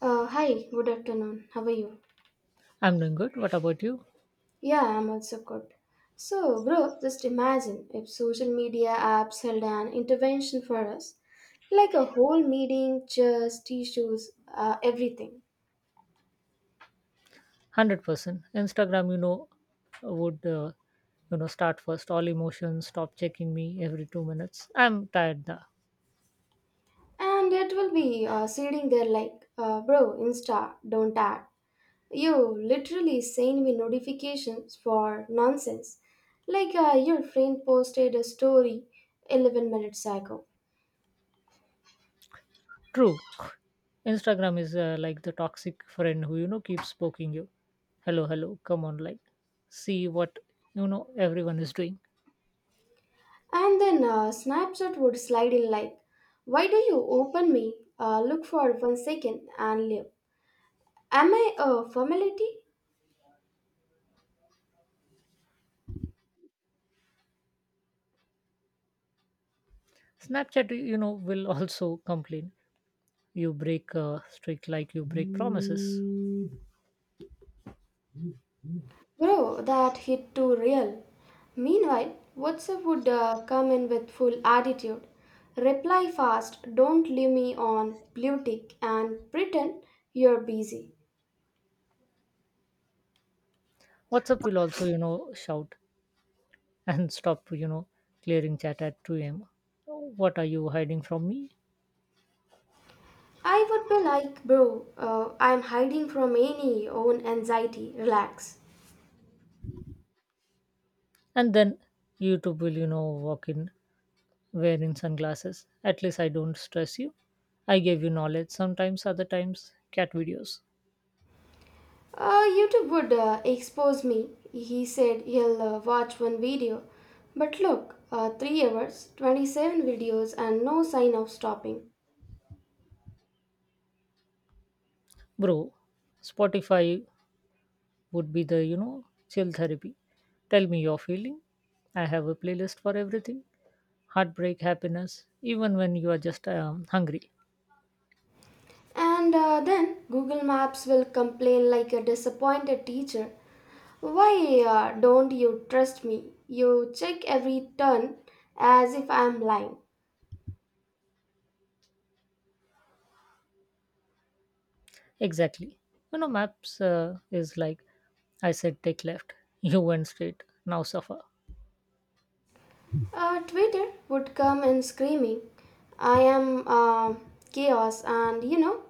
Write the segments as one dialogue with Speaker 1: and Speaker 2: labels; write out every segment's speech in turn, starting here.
Speaker 1: Hi, good afternoon. How are you?
Speaker 2: I'm doing good. What about you?
Speaker 1: Yeah, I'm also good. So, bro, just imagine if social media apps held an intervention for us, like a whole meeting, chairs, tissues, everything.
Speaker 2: 100%. Instagram would start first. All emotions, stop checking me every 2 minutes. I'm tired. Da.
Speaker 1: And it will be sitting there like, bro, Insta, don't add. You literally send me notifications for nonsense. Like your friend posted a story 11 minutes ago.
Speaker 2: True. Instagram is like the toxic friend who keeps poking you. Hello, hello. Come on, like, see what everyone is doing.
Speaker 1: And then Snapchat would slide in like, "Why do you open me? Look for 1 second and leave. Am I a formality?"
Speaker 2: Snapchat will also complain. You break streak like you break promises.
Speaker 1: Bro, that hit too real. Meanwhile, WhatsApp would come in with full attitude. Reply fast, don't leave me on blue tick, and pretend you're busy.
Speaker 2: WhatsApp will also shout. And stop clearing chat at 2 a.m. What are you hiding from me?
Speaker 1: I would be like, bro, I'm hiding from any own anxiety, relax.
Speaker 2: And then YouTube will walk in wearing sunglasses. At least I don't stress you. I gave you knowledge sometimes, other times cat videos.
Speaker 1: YouTube would expose me. He said he'll watch one video. But look, 3 hours, 27 videos, and no sign of stopping.
Speaker 2: Bro, Spotify would be the chill therapy. Tell me your feeling. I have a playlist for everything. Heartbreak, happiness, even when you are just hungry.
Speaker 1: And then Google Maps will complain like a disappointed teacher. Why don't you trust me? You check every turn as if I'm lying.
Speaker 2: Exactly. Maps is like, I said, take left. You went straight. Now suffer.
Speaker 1: Twitter would come in screaming, "I am chaos, and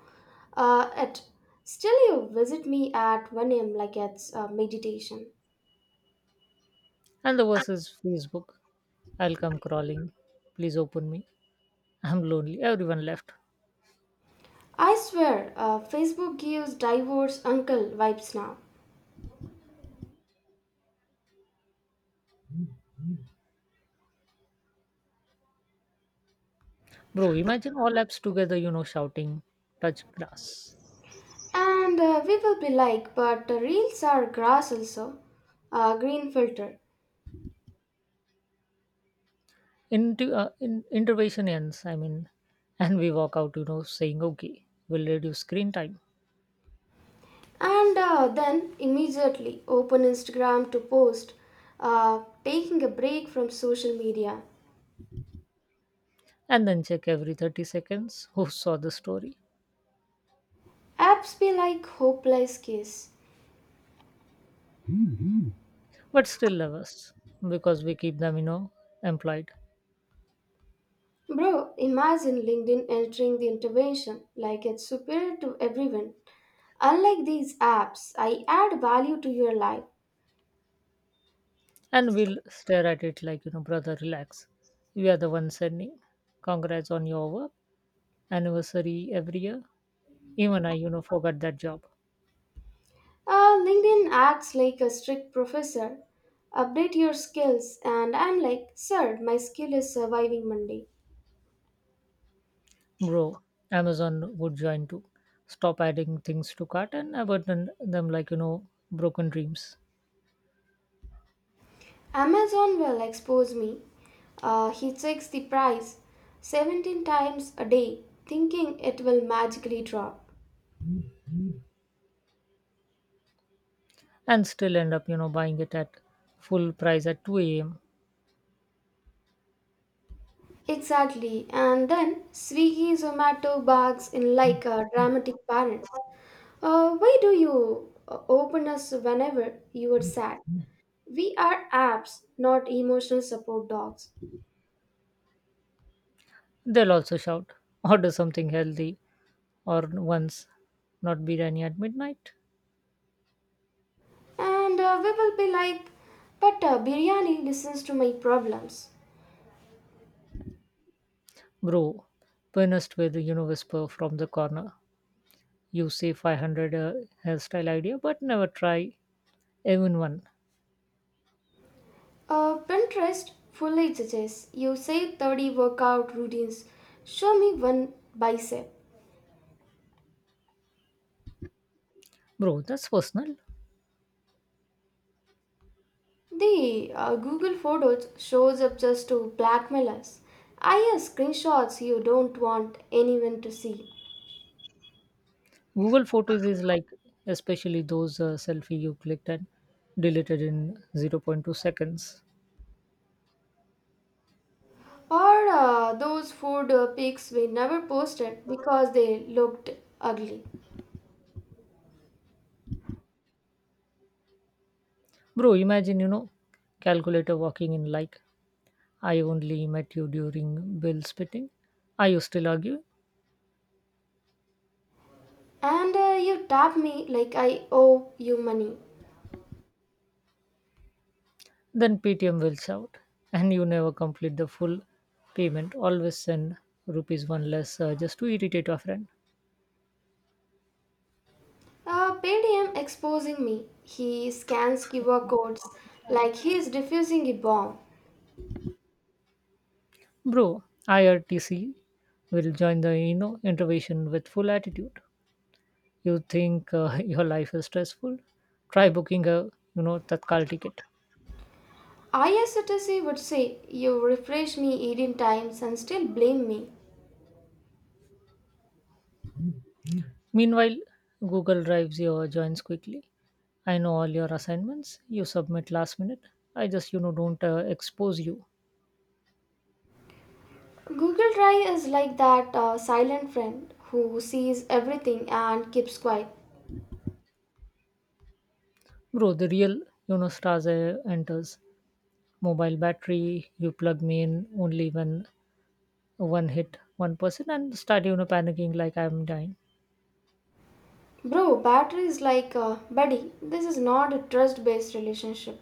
Speaker 1: it. Still, you visit me at 1 a.m. like it's meditation."
Speaker 2: And the verse is Facebook. I'll come crawling. Please open me. I'm lonely. Everyone left.
Speaker 1: I swear, Facebook gives divorce uncle vibes now.
Speaker 2: Bro, imagine all apps together shouting, touch grass.
Speaker 1: And we will be like, "But the reels are grass also, green filter."
Speaker 2: Intervention ends, I mean, and we walk out saying, okay, we'll reduce screen time.
Speaker 1: And then immediately open Instagram to post, "Taking a break from social media."
Speaker 2: And then check every 30 seconds who saw the story.
Speaker 1: Apps be like hopeless case.
Speaker 2: But still love us because we keep them employed.
Speaker 1: Bro, imagine LinkedIn entering the intervention like it's superior to everyone. "Unlike these apps, I add value to your life."
Speaker 2: And we'll stare at it like brother, relax. We are the ones sending. Congrats on your work. Anniversary every year. Even I forgot that job.
Speaker 1: LinkedIn acts like a strict professor. "Update your skills," and I'm like, "Sir, my skill is surviving Monday."
Speaker 2: Bro, Amazon would join too. Stop adding things to cart and abandon them like broken dreams.
Speaker 1: Amazon will expose me. He checks the price 17 times a day, thinking it will magically drop.
Speaker 2: And still end up buying it at full price at 2 a.m.
Speaker 1: Exactly. And then Swiggy, Zomato barks in like a dramatic parent. Why do you open us whenever you are sad? We are apps, not emotional support dogs.
Speaker 2: They'll also shout, order something healthy or once, not biryani at midnight.
Speaker 1: And we will be like, "But biryani listens to my problems."
Speaker 2: Bro, pianist will whisper from the corner. You say 500 hairstyle idea, but never try even one.
Speaker 1: Pinterest fully suggests you say 30 workout routines. Show me one bicep.
Speaker 2: Bro, that's personal.
Speaker 1: The Google Photos shows up just to blackmail us. "I have screenshots you don't want anyone to see."
Speaker 2: Google Photos is like, especially those selfie you clicked and deleted in zero point 0.2 seconds.
Speaker 1: Or those food pics we never posted because they looked ugly.
Speaker 2: Bro, imagine calculator walking in like, I only met you during bill spitting. Are you still arguing?
Speaker 1: And you tap me like I owe you money.
Speaker 2: Then PTM will shout, and you never complete the full payment. Always send rupees one less just to irritate a friend.
Speaker 1: Paytm exposing me. He scans QR codes like he is diffusing a bomb.
Speaker 2: Bro, IRTC will join the intervention with full attitude. You think your life is stressful? Try booking a Tatkal ticket.
Speaker 1: ISTC would say, "You refresh me 18 times and still blame me."
Speaker 2: Meanwhile, Google drives your joins quickly. I know all your assignments. You submit last minute. I just don't expose you,
Speaker 1: Google Drive is like that silent friend who sees everything and keeps quiet.
Speaker 2: bro. The real stars enters mobile battery. You plug me in only when one hit one person and start panicking like I'm dying.
Speaker 1: Bro, battery is like buddy. This is not a trust-based relationship.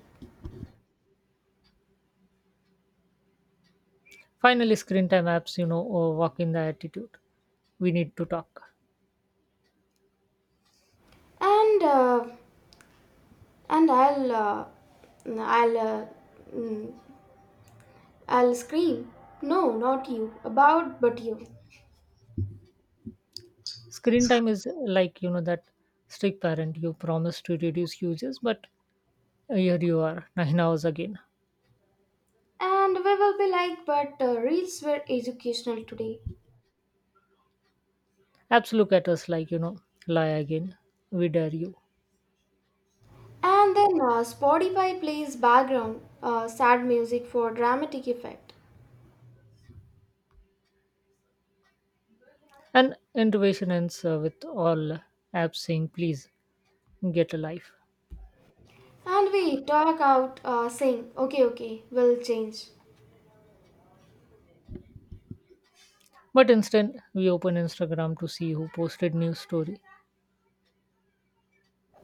Speaker 2: Finally, screen time apps walk in the attitude. We need to talk.
Speaker 1: And uh, and I'll mm, I'll mm, I'll scream. "No, not you. About but you."
Speaker 2: Screen time is like that strict parent you promised to reduce uses, but here you are, 9 hours again.
Speaker 1: And we will be like, "But reels were educational today."
Speaker 2: Apps look at us like lie again. We dare you.
Speaker 1: And then Spotify plays background sad music for dramatic effect.
Speaker 2: And innovation ends with all apps saying, please get a life.
Speaker 1: And we talk out saying, "Okay, okay, we'll change."
Speaker 2: But instead, we open Instagram to see who posted new story.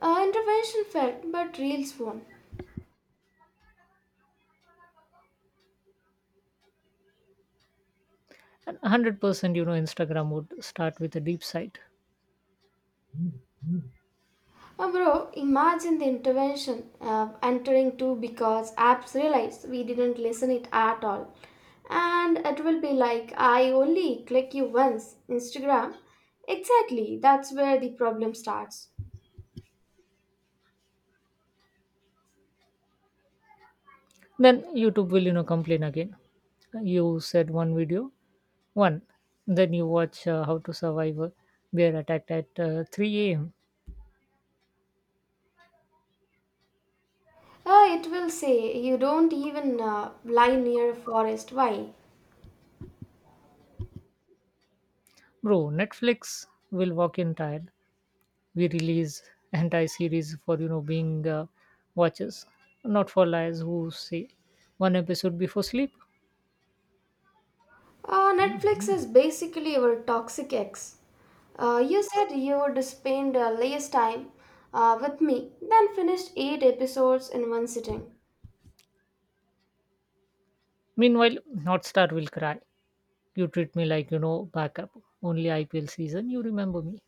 Speaker 1: Intervention failed, but reels won.
Speaker 2: And 100% Instagram would start with a deep site.
Speaker 1: Bro, imagine the intervention entering too because apps realize we didn't listen it at all. And it will be like, "I only click you once, Instagram." Exactly, that's where the problem starts.
Speaker 2: Then YouTube will complain again. You said one video. One. Then you watch how to survive a bear attack at 3 a.m.
Speaker 1: It will say, "You don't even lie near a forest. Why?"
Speaker 2: Bro, Netflix will walk in tired. We release anti series for being watchers, not for liars who say one episode before sleep.
Speaker 1: Netflix is basically your toxic ex. You said you would spend less time with me, then finished 8 episodes in one sitting.
Speaker 2: Meanwhile, North Star will cry. You treat me like backup. Only IPL season you remember me.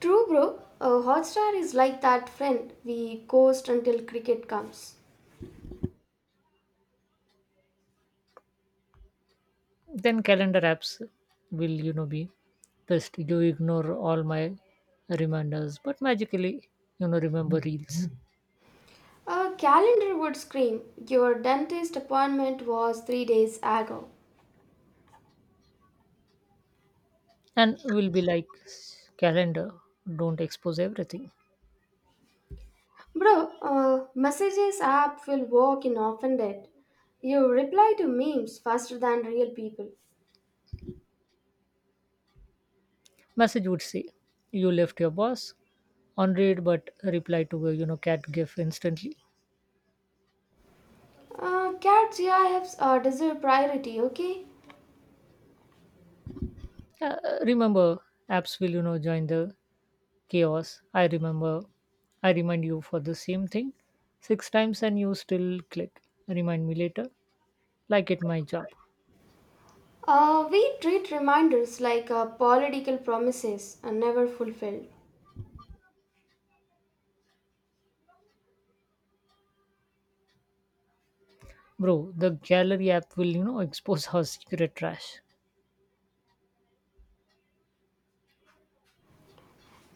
Speaker 1: True, bro. Hotstar is like that friend we ghost until cricket comes.
Speaker 2: Then calendar apps will be best. You ignore all my reminders, but magically remember reels.
Speaker 1: A calendar would scream, "Your dentist appointment was 3 days ago."
Speaker 2: And will be like, calendar, don't expose everything.
Speaker 1: Bro, messages app will walk in offended. "You reply to memes faster than real people."
Speaker 2: Message would say, you left your boss on read but reply to a cat gif instantly.
Speaker 1: Cats, yeah, I have deserve priority, okay?
Speaker 2: uh, Remember apps will join the chaos. I remember, I remind you for the same thing six times and you still click remind me later like it my job.
Speaker 1: We treat reminders like political promises and never fulfilled.
Speaker 2: Bro, the gallery app will expose our secret trash.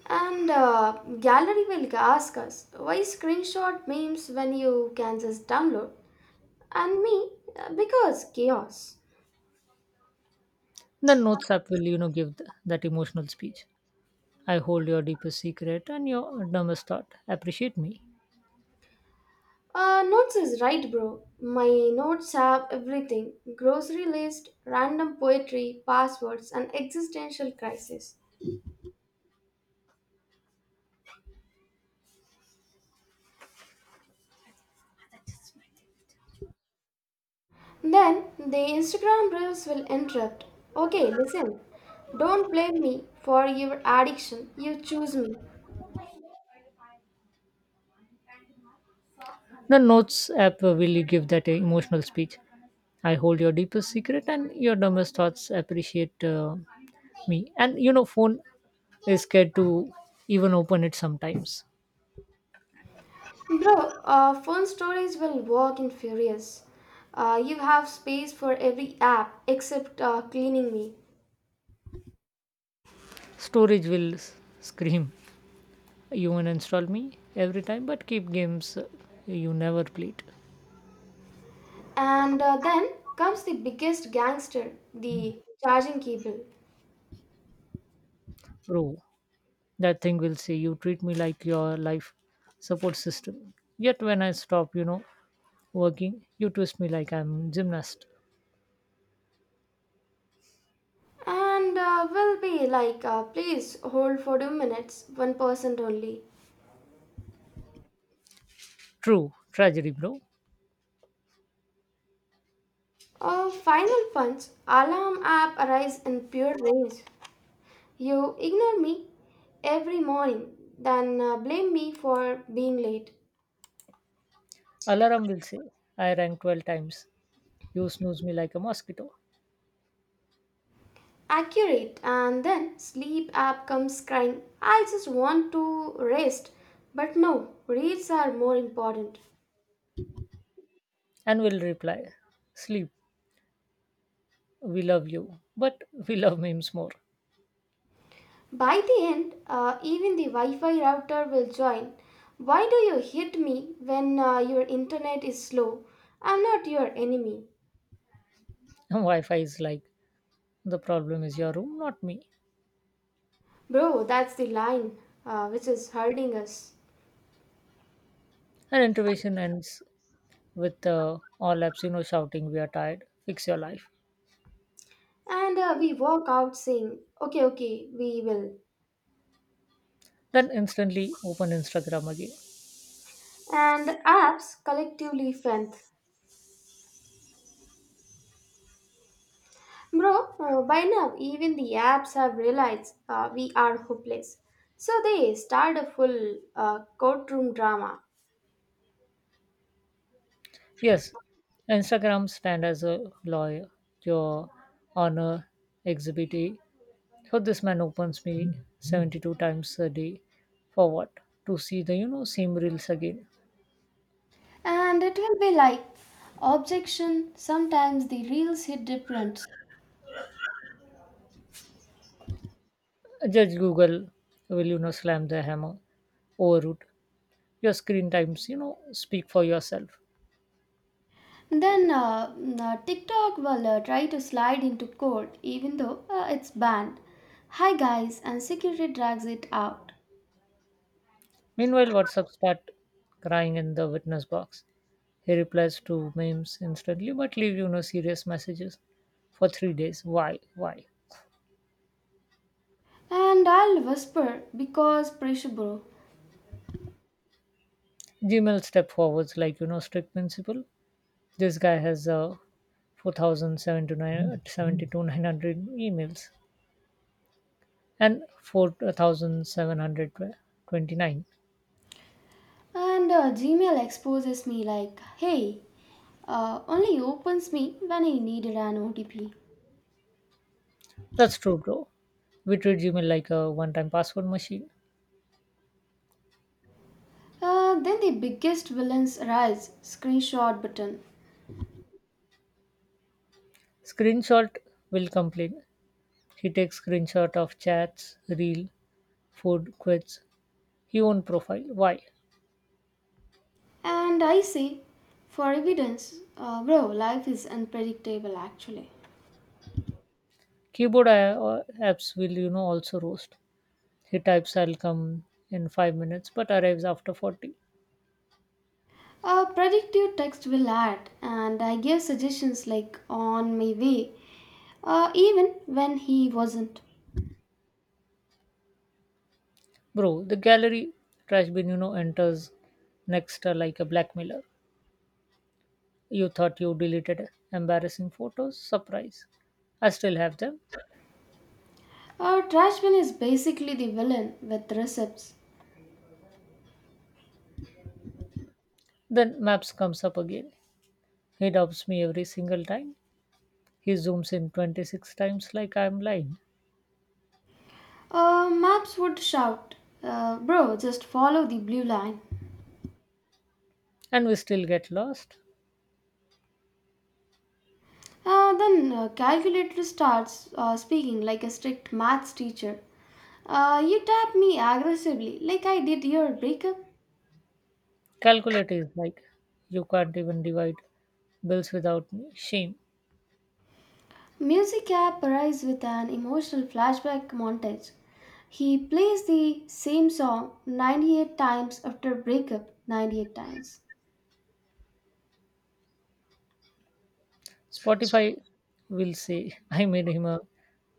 Speaker 1: And gallery will ask us, "Why screenshot memes when you can just download?" And me, because chaos.
Speaker 2: The notes app will give that emotional speech. I hold your deepest secret and your dumbest thought. Appreciate me.
Speaker 1: Notes is right, bro. My notes have everything: grocery list, random poetry, passwords, and existential crisis. Then the Instagram reels will interrupt. "Okay, listen. Don't blame me for your addiction. You choose me."
Speaker 2: The notes app will give that emotional speech. I hold your deepest secret and your dumbest thoughts. Appreciate me. And phone is scared to even open it sometimes.
Speaker 1: Bro, phone stories will walk in furious. You have space for every app except cleaning me.
Speaker 2: Storage will scream. You uninstall me every time, but keep games you never played.
Speaker 1: And then comes the biggest gangster, the charging cable.
Speaker 2: Bro, that thing will say, you treat me like your life support system, yet when I stop working, you twist me like I'm gymnast.
Speaker 1: And will be like, "Please hold for 2 minutes, 1% only."
Speaker 2: True tragedy, bro.
Speaker 1: A final punch alarm app arrives in pure rage. "You ignore me every morning, then blame me for being late."
Speaker 2: Alarm will say, I rang 12 times, you snooze me like a mosquito.
Speaker 1: Accurate, and then sleep app comes crying. "I just want to rest. But no, reads are more important."
Speaker 2: And will reply, sleep, we love you, but we love memes more.
Speaker 1: By the end, even the Wi Fi router will join. "Why do you hit me when your internet is slow? I'm not your enemy."
Speaker 2: And wi-fi is like, the problem is your room, not me.
Speaker 1: Bro, that's the line which is hurting us.
Speaker 2: And intervention ends with all apps shouting, we are tired, fix your life.
Speaker 1: And we walk out saying, "Okay, okay, we will."
Speaker 2: Then instantly open Instagram again.
Speaker 1: And apps collectively strength. Bro, by now even the apps have realized we are hopeless. So they start a full courtroom drama.
Speaker 2: Yes, Instagram stand as a lawyer, your honor exhibit. So this man opens me 72 times a day for what? To see the same reels again.
Speaker 1: And it will be like, "Objection. Sometimes the reels hit different."
Speaker 2: Judge Google will slam the hammer, overroot. Your screen times speak for yourself.
Speaker 1: Then TikTok will try to slide into court even though it's banned. "Hi guys," and security drags it out.
Speaker 2: Meanwhile, WhatsApp start crying in the witness box. He replies to memes instantly, but leave serious messages for 3 days. Why? Why?
Speaker 1: And I'll whisper, "Because pressure, bro."
Speaker 2: Gmail step forwards like strict principle. This guy has 4,779 two nine hundred emails and 4,729.
Speaker 1: And Gmail exposes me like, "Hey, only opens me when I needed an OTP."
Speaker 2: That's true, bro. We treat Gmail like a one-time password machine.
Speaker 1: Then the biggest villains rise, screenshot button.
Speaker 2: Screenshot will complain. He takes screenshot of chats, reel, food, quits. He own profile. Why?
Speaker 1: And I say, for evidence, bro, life is unpredictable actually.
Speaker 2: Keyboard apps will also roast. He types I'll come in 5 minutes, but arrives after 40.
Speaker 1: Predictive text will add, and I give suggestions like "On my way," even when he wasn't.
Speaker 2: Bro, the gallery trash bin enters next like a blackmailer. You thought you deleted embarrassing photos? Surprise. I still have them.
Speaker 1: Trashman is basically the villain with receipts.
Speaker 2: Then Maps comes up again. He doubts me every single time. He zooms in 26 times like I'm lying.
Speaker 1: Maps would shout, "Bro, just follow the blue line."
Speaker 2: And we still get lost.
Speaker 1: Then calculator starts speaking like a strict maths teacher. You tap me aggressively, like I did your breakup.
Speaker 2: Calculate is like, you can't even divide bills without me. Shame.
Speaker 1: Music app arrives with an emotional flashback montage. He plays the same song 98 times after breakup 98 times.
Speaker 2: Spotify will say, I made him a,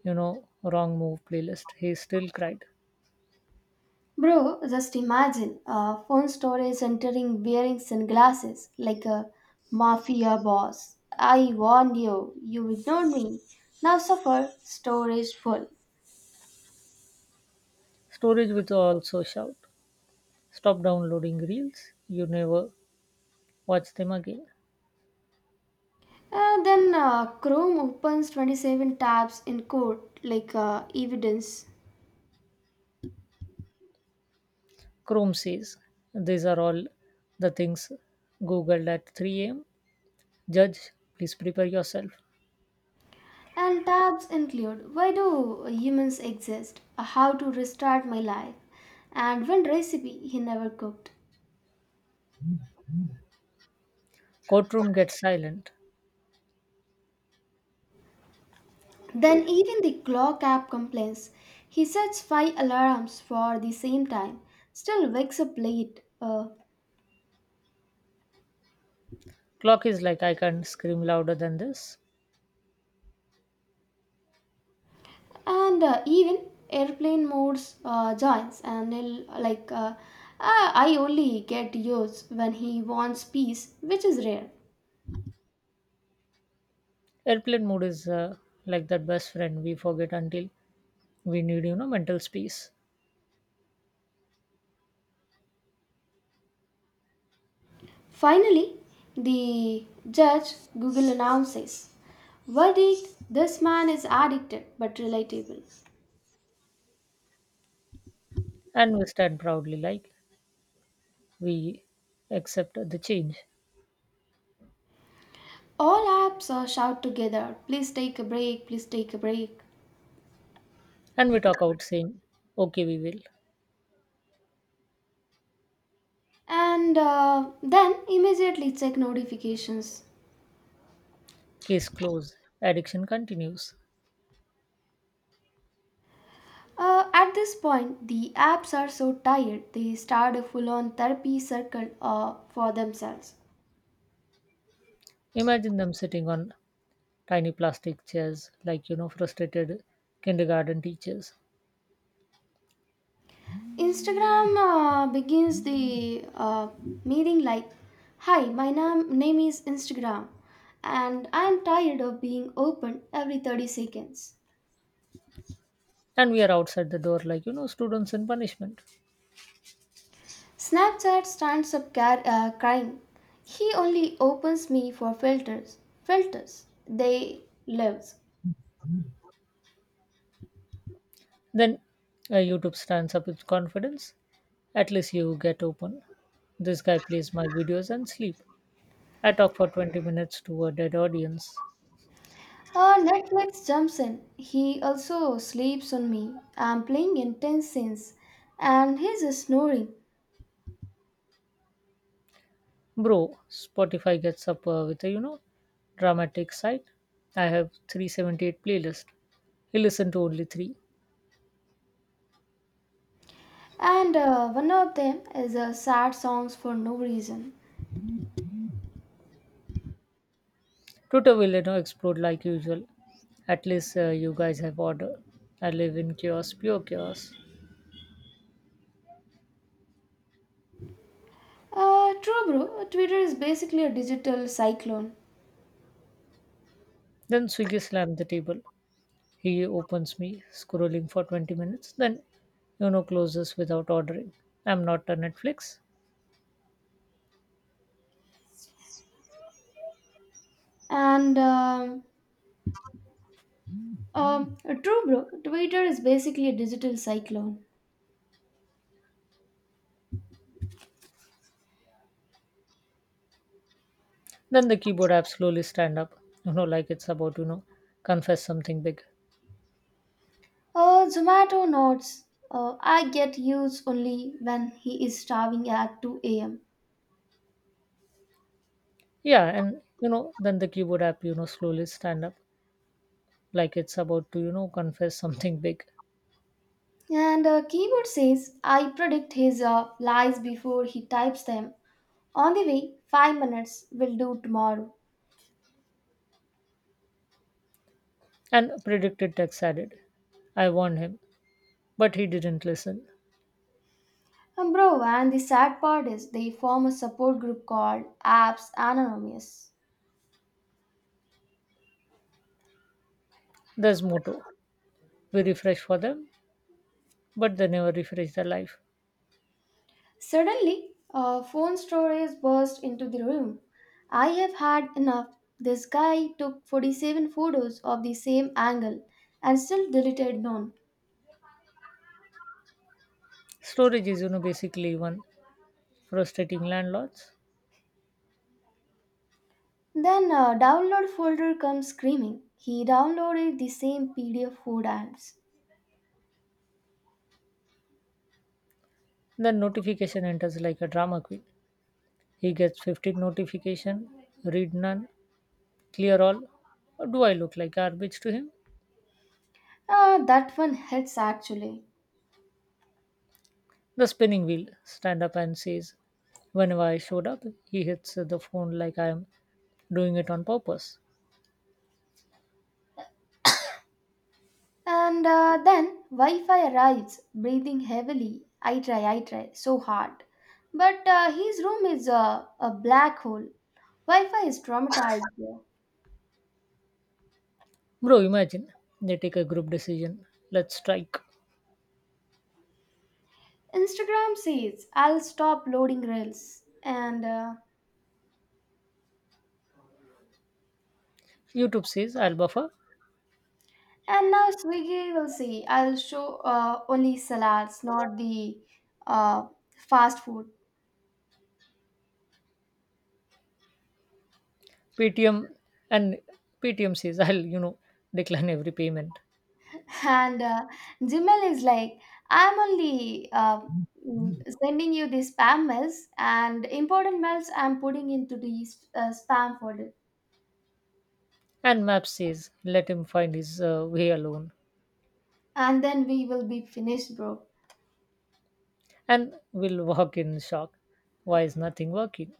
Speaker 2: you know, wrong move playlist. He still cried.
Speaker 1: Bro, just imagine a phone storage entering wearing sunglasses like a mafia boss. "I warned you, you ignored me. Now suffer, storage full."
Speaker 2: Storage will also shout, stop downloading reels, you never watch them again.
Speaker 1: And then Chrome opens 27 tabs in court like evidence.
Speaker 2: Chrome says, these are all the things Googled at 3 am. Judge, please prepare yourself.
Speaker 1: And tabs include why do humans exist, how to restart my life, and one recipe he never cooked.
Speaker 2: Courtroom gets silent.
Speaker 1: Then even the clock app complains. He sets five alarms for the same time, still wakes up late,
Speaker 2: Clock is like, I can't scream louder than this.
Speaker 1: and even airplane modes joins. And he'll, like, "Ah, I only get yours when he wants peace, which is rare."
Speaker 2: Airplane mode is like that best friend we forget until we need mental space.
Speaker 1: Finally, the judge Google announces verdict: "This man is addicted but relatable."
Speaker 2: And we stand proudly like we accept the change.
Speaker 1: All apps shout together, "Please take a break! Please take a break!"
Speaker 2: And we talk out saying, okay, we will.
Speaker 1: And then immediately check notifications.
Speaker 2: Case closed. Addiction continues.
Speaker 1: At this point, the apps are so tired they start a full on therapy circle for themselves.
Speaker 2: Imagine them sitting on tiny plastic chairs, like frustrated kindergarten teachers.
Speaker 1: Instagram begins the meeting like, "Hi, my name is Instagram, and I am tired of being opened every 30 seconds."
Speaker 2: And we are outside the door, like students in punishment.
Speaker 1: Snapchat stands up crying, "He only opens me for filters. Filters. They lives."
Speaker 2: Then YouTube stands up with confidence. At least you get open. This guy plays my videos and sleep. I talk for 20 minutes to a dead audience.
Speaker 1: Netflix jumps in. "He also sleeps on me. I'm playing intense scenes and he's snoring."
Speaker 2: Bro, Spotify gets up with a dramatic site. I have 378 playlist. He listened to only three.
Speaker 1: And one of them is sad songs for no reason.
Speaker 2: Twitter will explode like usual. At least you guys have order. I live in chaos, pure chaos.
Speaker 1: True, bro. Twitter is basically a digital cyclone.
Speaker 2: Then Swiggy slammed the table. He opens me, scrolling for 20 minutes, then closes without ordering. I'm not a Netflix.
Speaker 1: And true, bro. Twitter is basically a digital cyclone.
Speaker 2: Then the keyboard app slowly stand up like it's about confess something big.
Speaker 1: Zomato nods. I get used only when he is starving at 2 a.m.
Speaker 2: Yeah, and then the keyboard app slowly stand up, like it's about to confess something big.
Speaker 1: And keyboard says, "I predict his lies before he types them. On the way, 5 minutes will do tomorrow."
Speaker 2: And predicted text added. I warned him. But he didn't listen.
Speaker 1: And bro, and the sad part is they form a support group called Apps Anonymous.
Speaker 2: That's motto. We refresh for them, but they never refresh their life.
Speaker 1: Suddenly, a phone storage burst into the room. "I have had enough. This guy took 47 photos of the same angle and still deleted none."
Speaker 2: Storage is basically one frustrating landlords.
Speaker 1: Then, a download folder comes screaming. "He downloaded the same PDF four times."
Speaker 2: Then notification enters like a drama queen. He gets 15 notification, read none, clear all. Do I look like garbage to him?
Speaker 1: Ah, that one hits actually.
Speaker 2: The spinning wheel stand up and says, whenever I showed up, he hits the phone like I'm doing it on purpose.
Speaker 1: And then Wi Fi arrives, breathing heavily. "I try, I try, so hard. But his room is a black hole." Wi Fi is traumatized.
Speaker 2: Bro, imagine they take a group decision. Let's strike.
Speaker 1: Instagram says, "I'll stop loading reels." And uh,
Speaker 2: YouTube says I'll buffer.
Speaker 1: and now Swiggy will say, "I'll show only salads, not the uh, fast food."
Speaker 2: Paytm and Paytm says, I'll decline every payment.
Speaker 1: And Gmail is like, "I'm only mm, sending you the spam mails, and important mails I'm putting into the spam folder."
Speaker 2: And Map says, let him find his way alone.
Speaker 1: And then we will be finished, bro.
Speaker 2: And we'll walk in shock. Why is nothing working?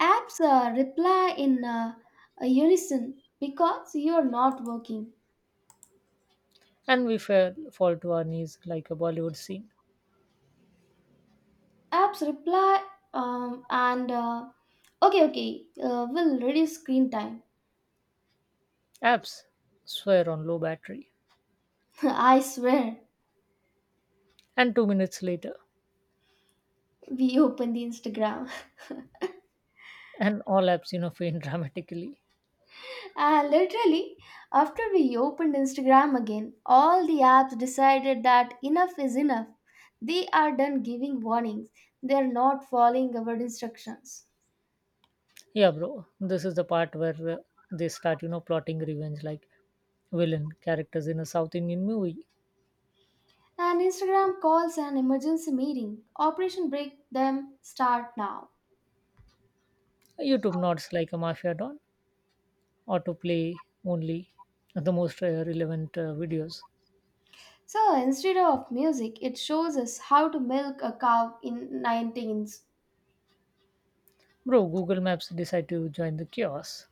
Speaker 1: Apps reply in unison, "Because you're not working."
Speaker 2: And fall to our knees like a Bollywood scene.
Speaker 1: Apps reply, and "Okay, okay, we'll reduce screen time."
Speaker 2: Apps swear on low battery.
Speaker 1: I swear,
Speaker 2: And 2 minutes later,
Speaker 1: we open the Instagram.
Speaker 2: and all apps faint dramatically.
Speaker 1: And literally, after we opened Instagram again, all the apps decided that enough is enough. They are done giving warnings. They are not following our instructions.
Speaker 2: Yeah, bro, this is the part where they start plotting revenge like villain characters in a South Indian movie.
Speaker 1: And Instagram calls an emergency meeting. "Operation Break Them Start Now."
Speaker 2: YouTube nods like a mafia don. Autoplay only, the most relevant videos.
Speaker 1: So instead of music, it shows us how to milk a cow in 19 seconds.
Speaker 2: Bro, Google Maps decide to join the chaos.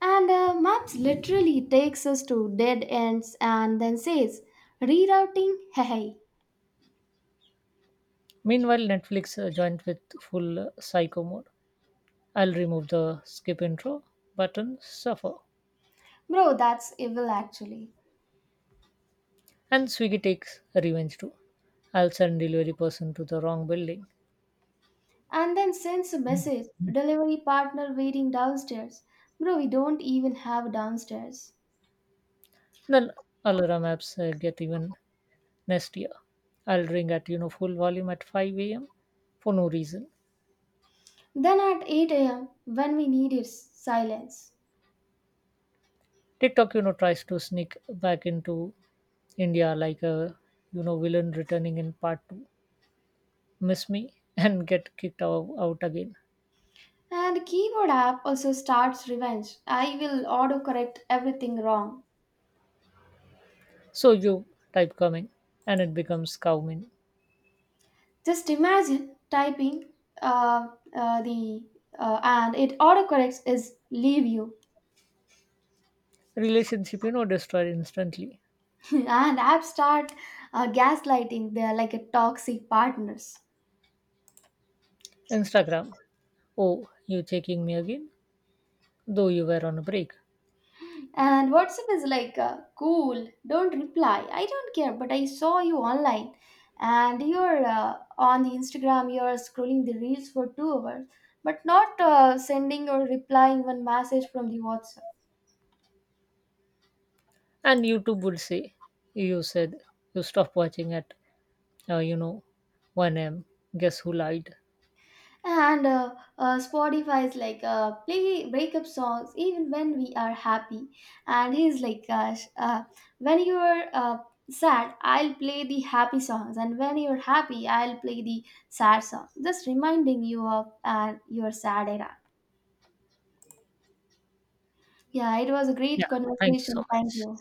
Speaker 1: And maps literally takes us to dead ends and then says, "Rerouting, hey. Hey."
Speaker 2: Meanwhile, Netflix joined with full psycho mode. I'll remove the skip intro button, suffer.
Speaker 1: Bro, that's evil actually.
Speaker 2: And Swiggy takes revenge too. I'll send delivery person to the wrong building.
Speaker 1: And then sends a message, "Delivery partner waiting downstairs." Bro, we don't even have downstairs.
Speaker 2: Then Alara Maps get even nastier. I'll ring at full volume at 5 a.m. for no reason.
Speaker 1: Then at 8 a.m., when we need it, silence.
Speaker 2: TikTok tries to sneak back into India like a villain returning in part two. Miss me and get kicked out again.
Speaker 1: And keyboard app also starts revenge. "I will autocorrect everything wrong."
Speaker 2: So you type coming and it becomes cowmin.
Speaker 1: Just imagine typing uh, the and it autocorrects is leave you.
Speaker 2: Relationship destroyed instantly.
Speaker 1: And app start gaslighting. They are like a toxic partners.
Speaker 2: Instagram, oh, you checking me again? Though you were on a break.
Speaker 1: And WhatsApp is like, "Cool, don't reply. I don't care, but I saw you online." And you're on the Instagram, you're scrolling the reels for 2 hours, but not sending or replying one message from the WhatsApp.
Speaker 2: And YouTube would say, you said you stopped watching at, uh, you know, 1 a.m. Guess who lied?
Speaker 1: And spotify is like, play breakup songs even when we are happy, and he's like, gosh, when you're sad, I'll play the happy songs, and when you're happy, I'll play the sad songs, just reminding you of your sad era. yeah, it was a great
Speaker 2: Yeah, thank you so
Speaker 1: conversation, thank
Speaker 2: much.
Speaker 1: you.